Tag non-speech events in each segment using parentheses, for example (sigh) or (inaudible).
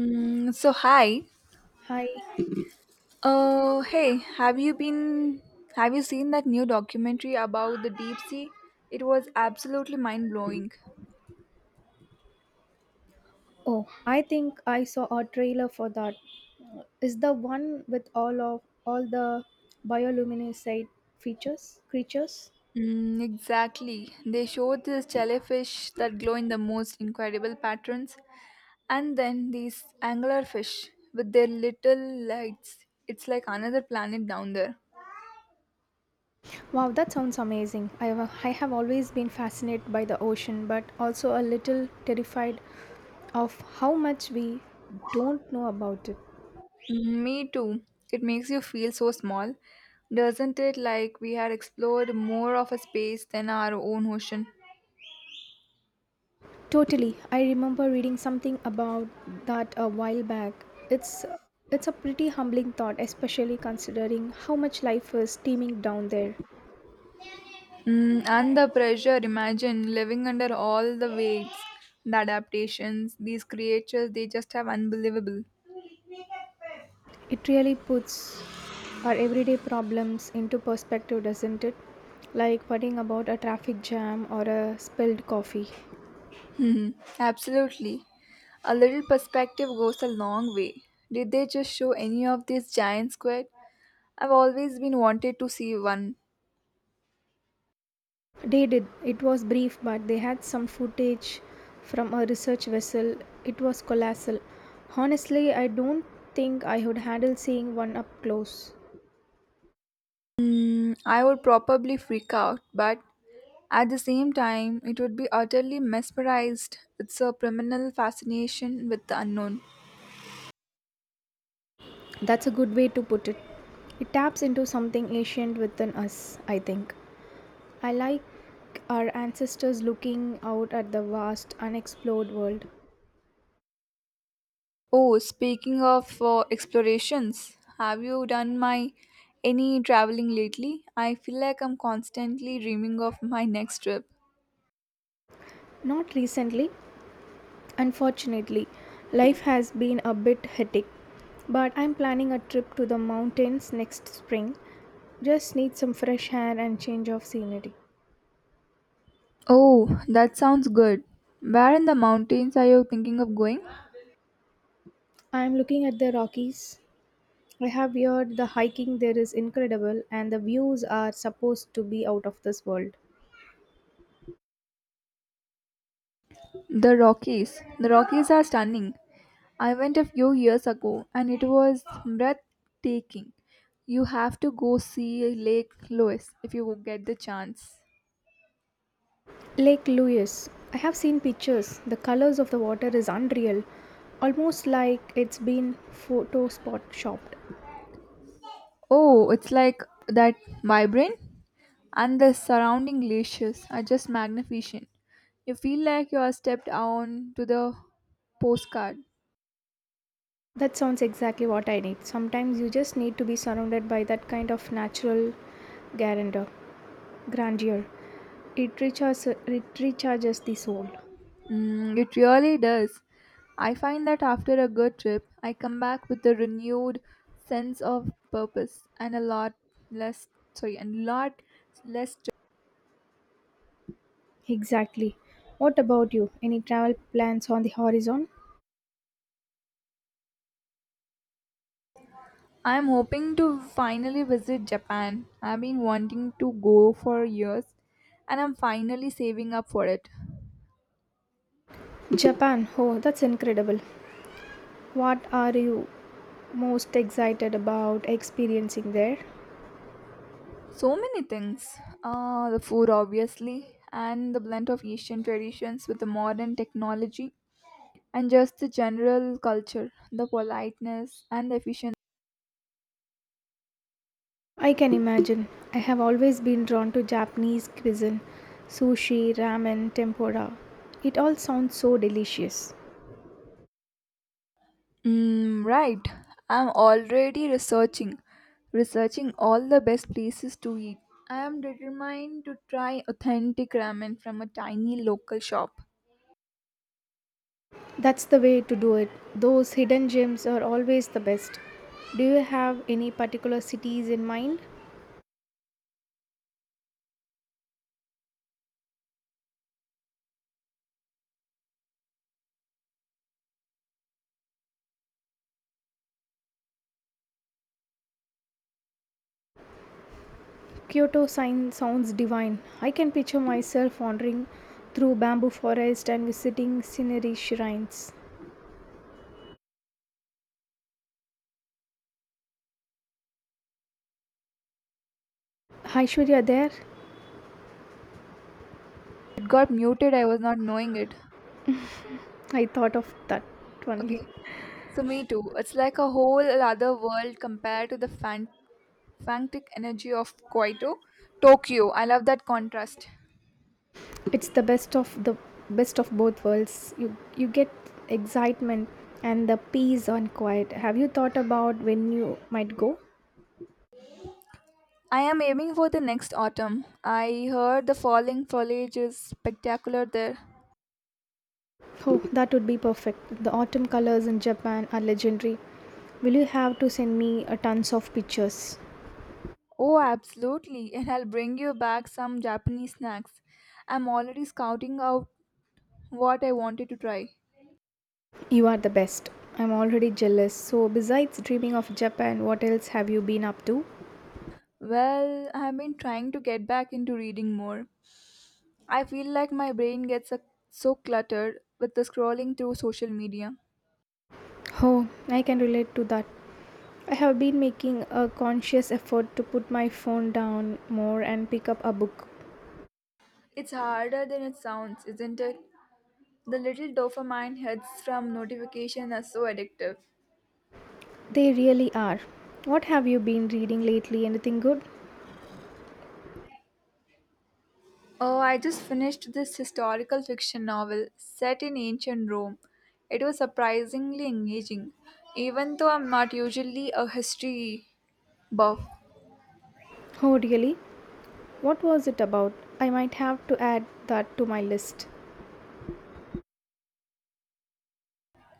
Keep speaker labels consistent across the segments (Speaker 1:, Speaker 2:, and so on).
Speaker 1: So hi.
Speaker 2: Hi.
Speaker 1: Hey, have you been? Have you seen that new documentary about the deep sea? It was absolutely mind blowing.
Speaker 2: Oh, I think I saw a trailer for that. Is the one with all the bioluminescent features creatures?
Speaker 1: Mm, exactly. They showed these jellyfish that glow in the most incredible patterns, and then these anglerfish with their little lights. It's like another planet down there.
Speaker 2: Wow, that sounds amazing. I have always been fascinated by the ocean, but also a little terrified of how much we don't know about it.
Speaker 1: Mm, me too. It makes you feel so small, doesn't it? Like we had explored more of a space than our own ocean.
Speaker 2: Totally. I remember reading something about that a while back. It's it's a pretty humbling thought, especially considering how much life is teeming down there.
Speaker 1: Mm, and the pressure, imagine living under all the weights, the adaptations, these creatures, they just have unbelievable.
Speaker 2: It really puts our everyday problems into perspective, doesn't it? Like worrying about a traffic jam or a spilled coffee.
Speaker 1: Absolutely. A little perspective goes a long way. Did they just show any of these giant squid? I've always been wanted to see one.
Speaker 2: They did. It was brief, but they had some footage from a research vessel. It was colossal. Honestly, I don't think I would handle seeing one up close.
Speaker 1: Mm, I would probably freak out, but at the same time, it would be utterly mesmerized. It's a criminal fascination with the unknown.
Speaker 2: That's a good way to put it. It taps into something ancient within us, I think. I like our ancestors looking out at the vast, unexplored world.
Speaker 1: Oh, speaking of explorations, have you done my any traveling lately? I feel like I'm constantly dreaming of my next trip.
Speaker 2: Not recently, unfortunately. Life has been a bit hectic, but I'm planning a trip to the mountains next spring. Just need some fresh air and change of scenery.
Speaker 1: Oh, that sounds good. Where in the mountains are you thinking of going?
Speaker 2: I'm looking at the Rockies. I have heard the hiking there is incredible and the views are supposed to be out of this world.
Speaker 1: The Rockies. The Rockies are stunning. I went a few years ago and it was breathtaking. You have to go see Lake Louise if you get the chance.
Speaker 2: Lake Louise. I have seen pictures. The colors of the water is unreal, almost like it's been photo spot shopped.
Speaker 1: Oh, it's like that vibrant and the surrounding glaciers are just magnificent. You feel like you are stepped on to the postcard.
Speaker 2: That sounds exactly what I need. Sometimes you just need to be surrounded by that kind of natural grandeur. grandeur. It recharges, it recharges the soul.
Speaker 1: Mm, it really does. I find that after a good trip, I come back with a renewed sense of purpose and a lot less sorry, and lot less stress.
Speaker 2: Exactly. What about you? Any travel plans on the horizon?
Speaker 1: I'm hoping to finally visit Japan. I've been wanting to go for years and I'm finally saving up for it.
Speaker 2: Japan. Oh, that's incredible. What are you most excited about experiencing there?
Speaker 1: So many things. The food, obviously, and the blend of Asian traditions with the modern technology, and just the general culture, the politeness, and the efficiency.
Speaker 2: I can imagine. I have always been drawn to Japanese cuisine, sushi, ramen, tempura. It all sounds so delicious.
Speaker 1: Mm, right. I'm already researching, all the best places to eat. I am determined to try authentic ramen from a tiny local shop.
Speaker 2: That's the way to do it. Those hidden gems are always the best. Do you have any particular cities in mind? Kyoto sign sounds divine. I can picture myself wandering through bamboo forest and visiting scenery shrines. Aishwarya there?
Speaker 1: It got muted, I was not knowing it.
Speaker 2: I thought of that only.
Speaker 1: Okay, so me too. It's like a whole other world compared to the fan frantic energy of Kyoto, Tokyo. I love that contrast.
Speaker 2: It's the best of both worlds. You get excitement and the peace and quiet. Have you thought about when you might go?
Speaker 1: I am aiming for the next autumn. I heard the falling foliage is spectacular there.
Speaker 2: Oh, that would be perfect. The autumn colors in Japan are legendary. Will you have to send me a tons of pictures?
Speaker 1: Oh, absolutely. And I'll bring you back some Japanese snacks. I'm already scouting out what I wanted to try.
Speaker 2: You are the best. I'm already jealous. So, besides dreaming of Japan, what else have you been up to?
Speaker 1: Well, I've been trying to get back into reading more. I feel like my brain gets so cluttered with the scrolling through social media.
Speaker 2: Oh, I can relate to that. I have been making a conscious effort to put my phone down more and pick up a book.
Speaker 1: It's harder than it sounds, isn't it? The little dopamine hits from notification are so addictive.
Speaker 2: They really are. What have you been reading lately? Anything good?
Speaker 1: Oh, I just finished this historical fiction novel set in ancient Rome. It was surprisingly engaging. Even though I'm not usually a history buff,
Speaker 2: Oh, really? What was it about? I might have to add that to my list.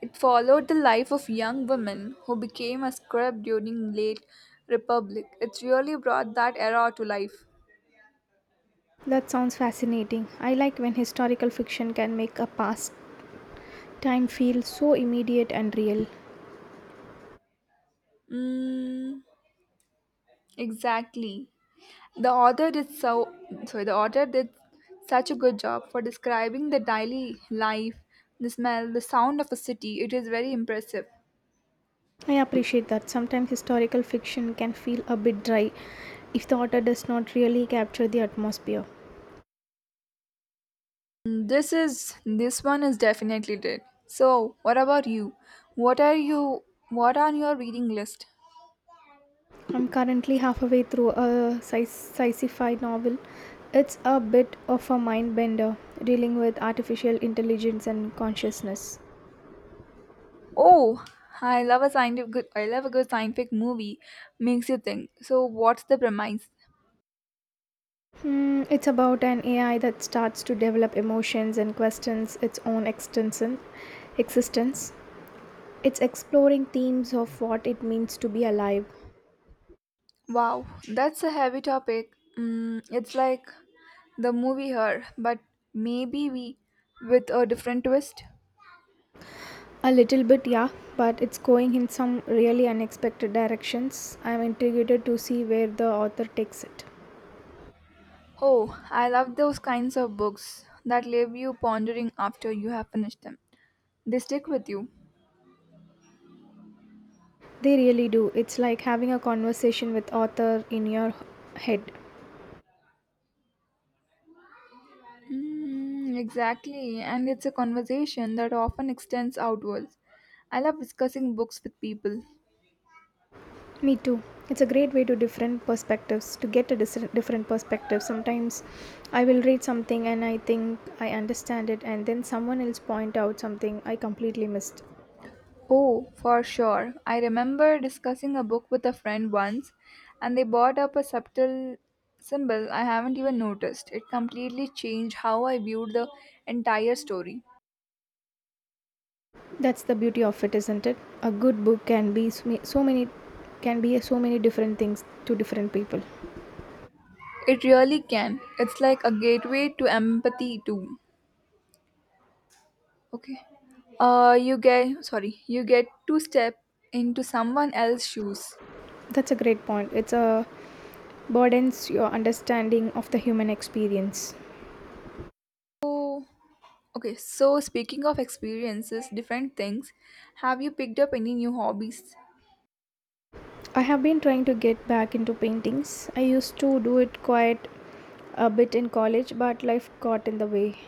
Speaker 1: it followed the life of young women who became a scribe during late Republic. It really brought that era to life.
Speaker 2: That sounds fascinating. I like when historical fiction can make a past time feel so immediate and real.
Speaker 1: Mm, exactly. The author did so sorry, the author did such a good job for describing the daily life, the smell, the sound of a city. It is very impressive.
Speaker 2: I appreciate that. Sometimes historical fiction can feel a bit dry if the author does not really capture the atmosphere.
Speaker 1: This one is definitely did. So, what about you? What are you what are your reading list?
Speaker 2: I'm currently halfway through a sci fi novel. It's a bit of a mind bender dealing with artificial intelligence and consciousness.
Speaker 1: Oh, I love a good scientific movie. Makes you think. So, what's the premise?
Speaker 2: It's about an AI that starts to develop emotions and questions its own existence. It's exploring themes of what it means to be alive.
Speaker 1: Wow, that's a heavy topic. Mm, it's like the movie Her, but maybe we with a different twist.
Speaker 2: A little bit, yeah, but it's going in some really unexpected directions. I'm intrigued to see where the author takes it.
Speaker 1: Oh, I love those kinds of books that leave you pondering after you have finished them. They stick with you.
Speaker 2: They really do. It's like having a conversation with author in your head.
Speaker 1: Mm, exactly, and it's a conversation that often extends outwards. I love discussing books with people.
Speaker 2: Me too. It's a great way to different perspectives to get a different perspective. Sometimes I will read something and I think I understand it and then someone else point out something I completely missed.
Speaker 1: Oh, for sure. I remember discussing a book with a friend once, and they brought up a subtle symbol I haven't even noticed. It completely changed how I viewed the entire story.
Speaker 2: That's the beauty of it, isn't it? A good book can be so many different things to different people.
Speaker 1: It really can. It's like a gateway to empathy, too. Okay. You get to step into someone else's shoes.
Speaker 2: That's a great point. It's a broadens your understanding of the human experience.
Speaker 1: So, okay. So, speaking of experiences, different things. Have you picked up any new hobbies?
Speaker 2: I have been trying to get back into paintings. I used to do it quite a bit in college, but life got in the way.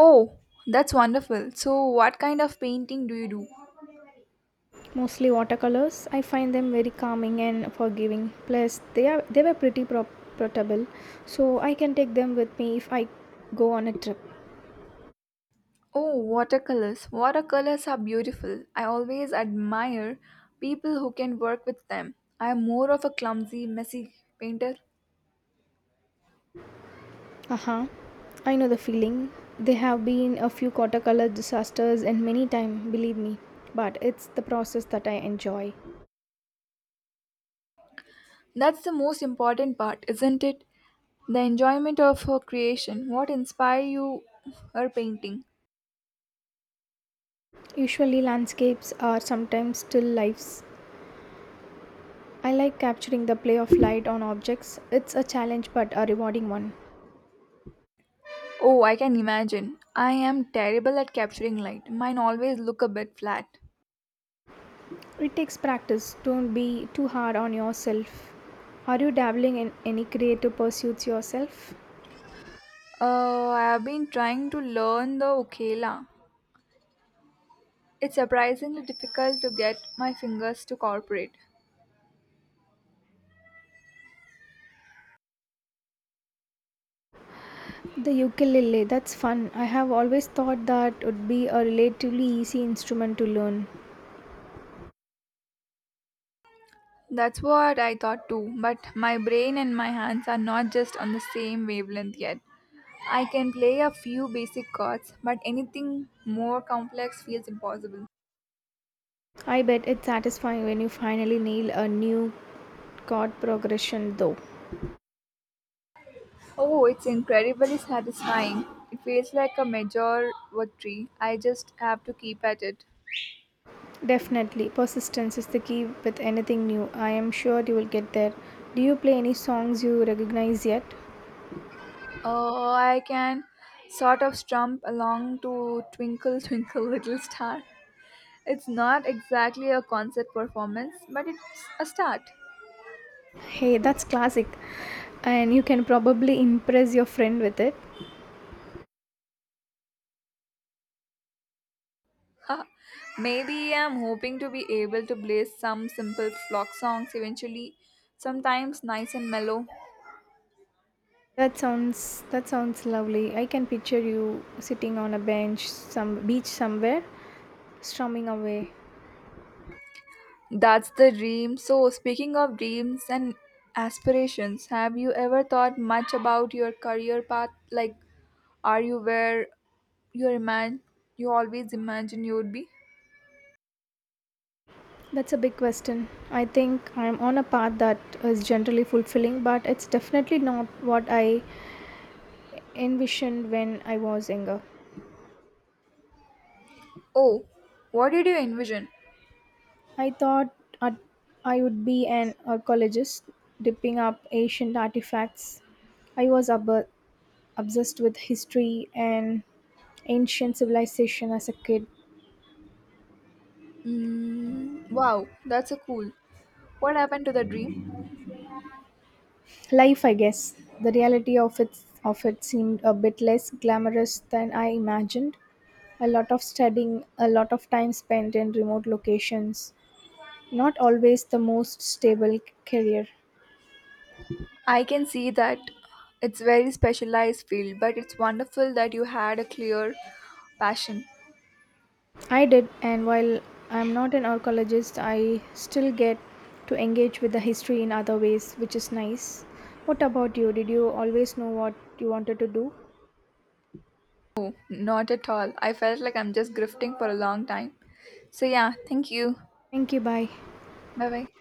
Speaker 1: Oh, that's wonderful. So, what kind of painting do you do?
Speaker 2: Mostly watercolors. I find them very calming and forgiving. Plus, they were pretty portable, so I can take them with me if I go on a trip.
Speaker 1: Oh, watercolors. Watercolors are beautiful. I always admire people who can work with them. I am more of a clumsy, messy painter.
Speaker 2: Uh huh. I know the feeling. There have been a few watercolor disasters and many times, believe me. But it's the process that I enjoy.
Speaker 1: That's the most important part, isn't it? The enjoyment of her creation. What inspire you her painting?
Speaker 2: Usually landscapes are sometimes still lifes. I like capturing the play of light on objects. It's a challenge but a rewarding one.
Speaker 1: Oh, I can imagine. I am terrible at capturing light. Mine always look a bit flat.
Speaker 2: It takes practice. Don't be too hard on yourself. Are you dabbling in any creative pursuits yourself?
Speaker 1: I have been trying to learn the ukela. It's surprisingly difficult to get my fingers to cooperate.
Speaker 2: The ukulele, that's fun. I have always thought that would be a relatively easy instrument to learn.
Speaker 1: That's what I thought too, but my brain and my hands are not just on the same wavelength yet. I can play a few basic chords, but anything more complex feels impossible.
Speaker 2: I bet it's satisfying when you finally nail a new chord progression though.
Speaker 1: Oh, it's incredibly satisfying. It feels like a major victory. I just have to keep at it.
Speaker 2: Definitely, persistence is the key with anything new. I am sure you will get there. Do you play any songs you recognize yet?
Speaker 1: Oh, I can sort of strum along to Twinkle Twinkle Little Star. It's not exactly a concert performance, but it's a start.
Speaker 2: Hey, that's classic. And you can probably impress your friend with it.
Speaker 1: (laughs) Maybe I'm hoping to be able to blaze some simple flock songs eventually, sometimes nice and mellow.
Speaker 2: That sounds lovely. I can picture you sitting on a bench some beach somewhere strumming away.
Speaker 1: That's the dream. So, speaking of dreams and aspirations, have you ever thought much about your career path? Like, are you where you imagine you always imagine you would be?
Speaker 2: That's a big question. I think I'm on a path that is generally fulfilling, but it's definitely not what I envisioned when I was younger.
Speaker 1: Oh, what did you envision?
Speaker 2: I thought I'd- I would be an archaeologist, dipping up ancient artifacts. I was obsessed with history and ancient civilization as a kid.
Speaker 1: Mm, wow, that's so cool. What happened to the dream?
Speaker 2: Life, I guess. The reality of it seemed a bit less glamorous than I imagined. A lot of studying, a lot of time spent in remote locations, not always the most stable career.
Speaker 1: I can see that it's very specialized field, but it's wonderful that you had a clear passion.
Speaker 2: I did, and while I'm not an archaeologist, I still get to engage with the history in other ways, which is nice. What about you? Did you always know what you wanted to do?
Speaker 1: Not at all. I felt like I'm just grifting for a long time. So yeah, thank you.
Speaker 2: Thank you, bye.
Speaker 1: Bye bye.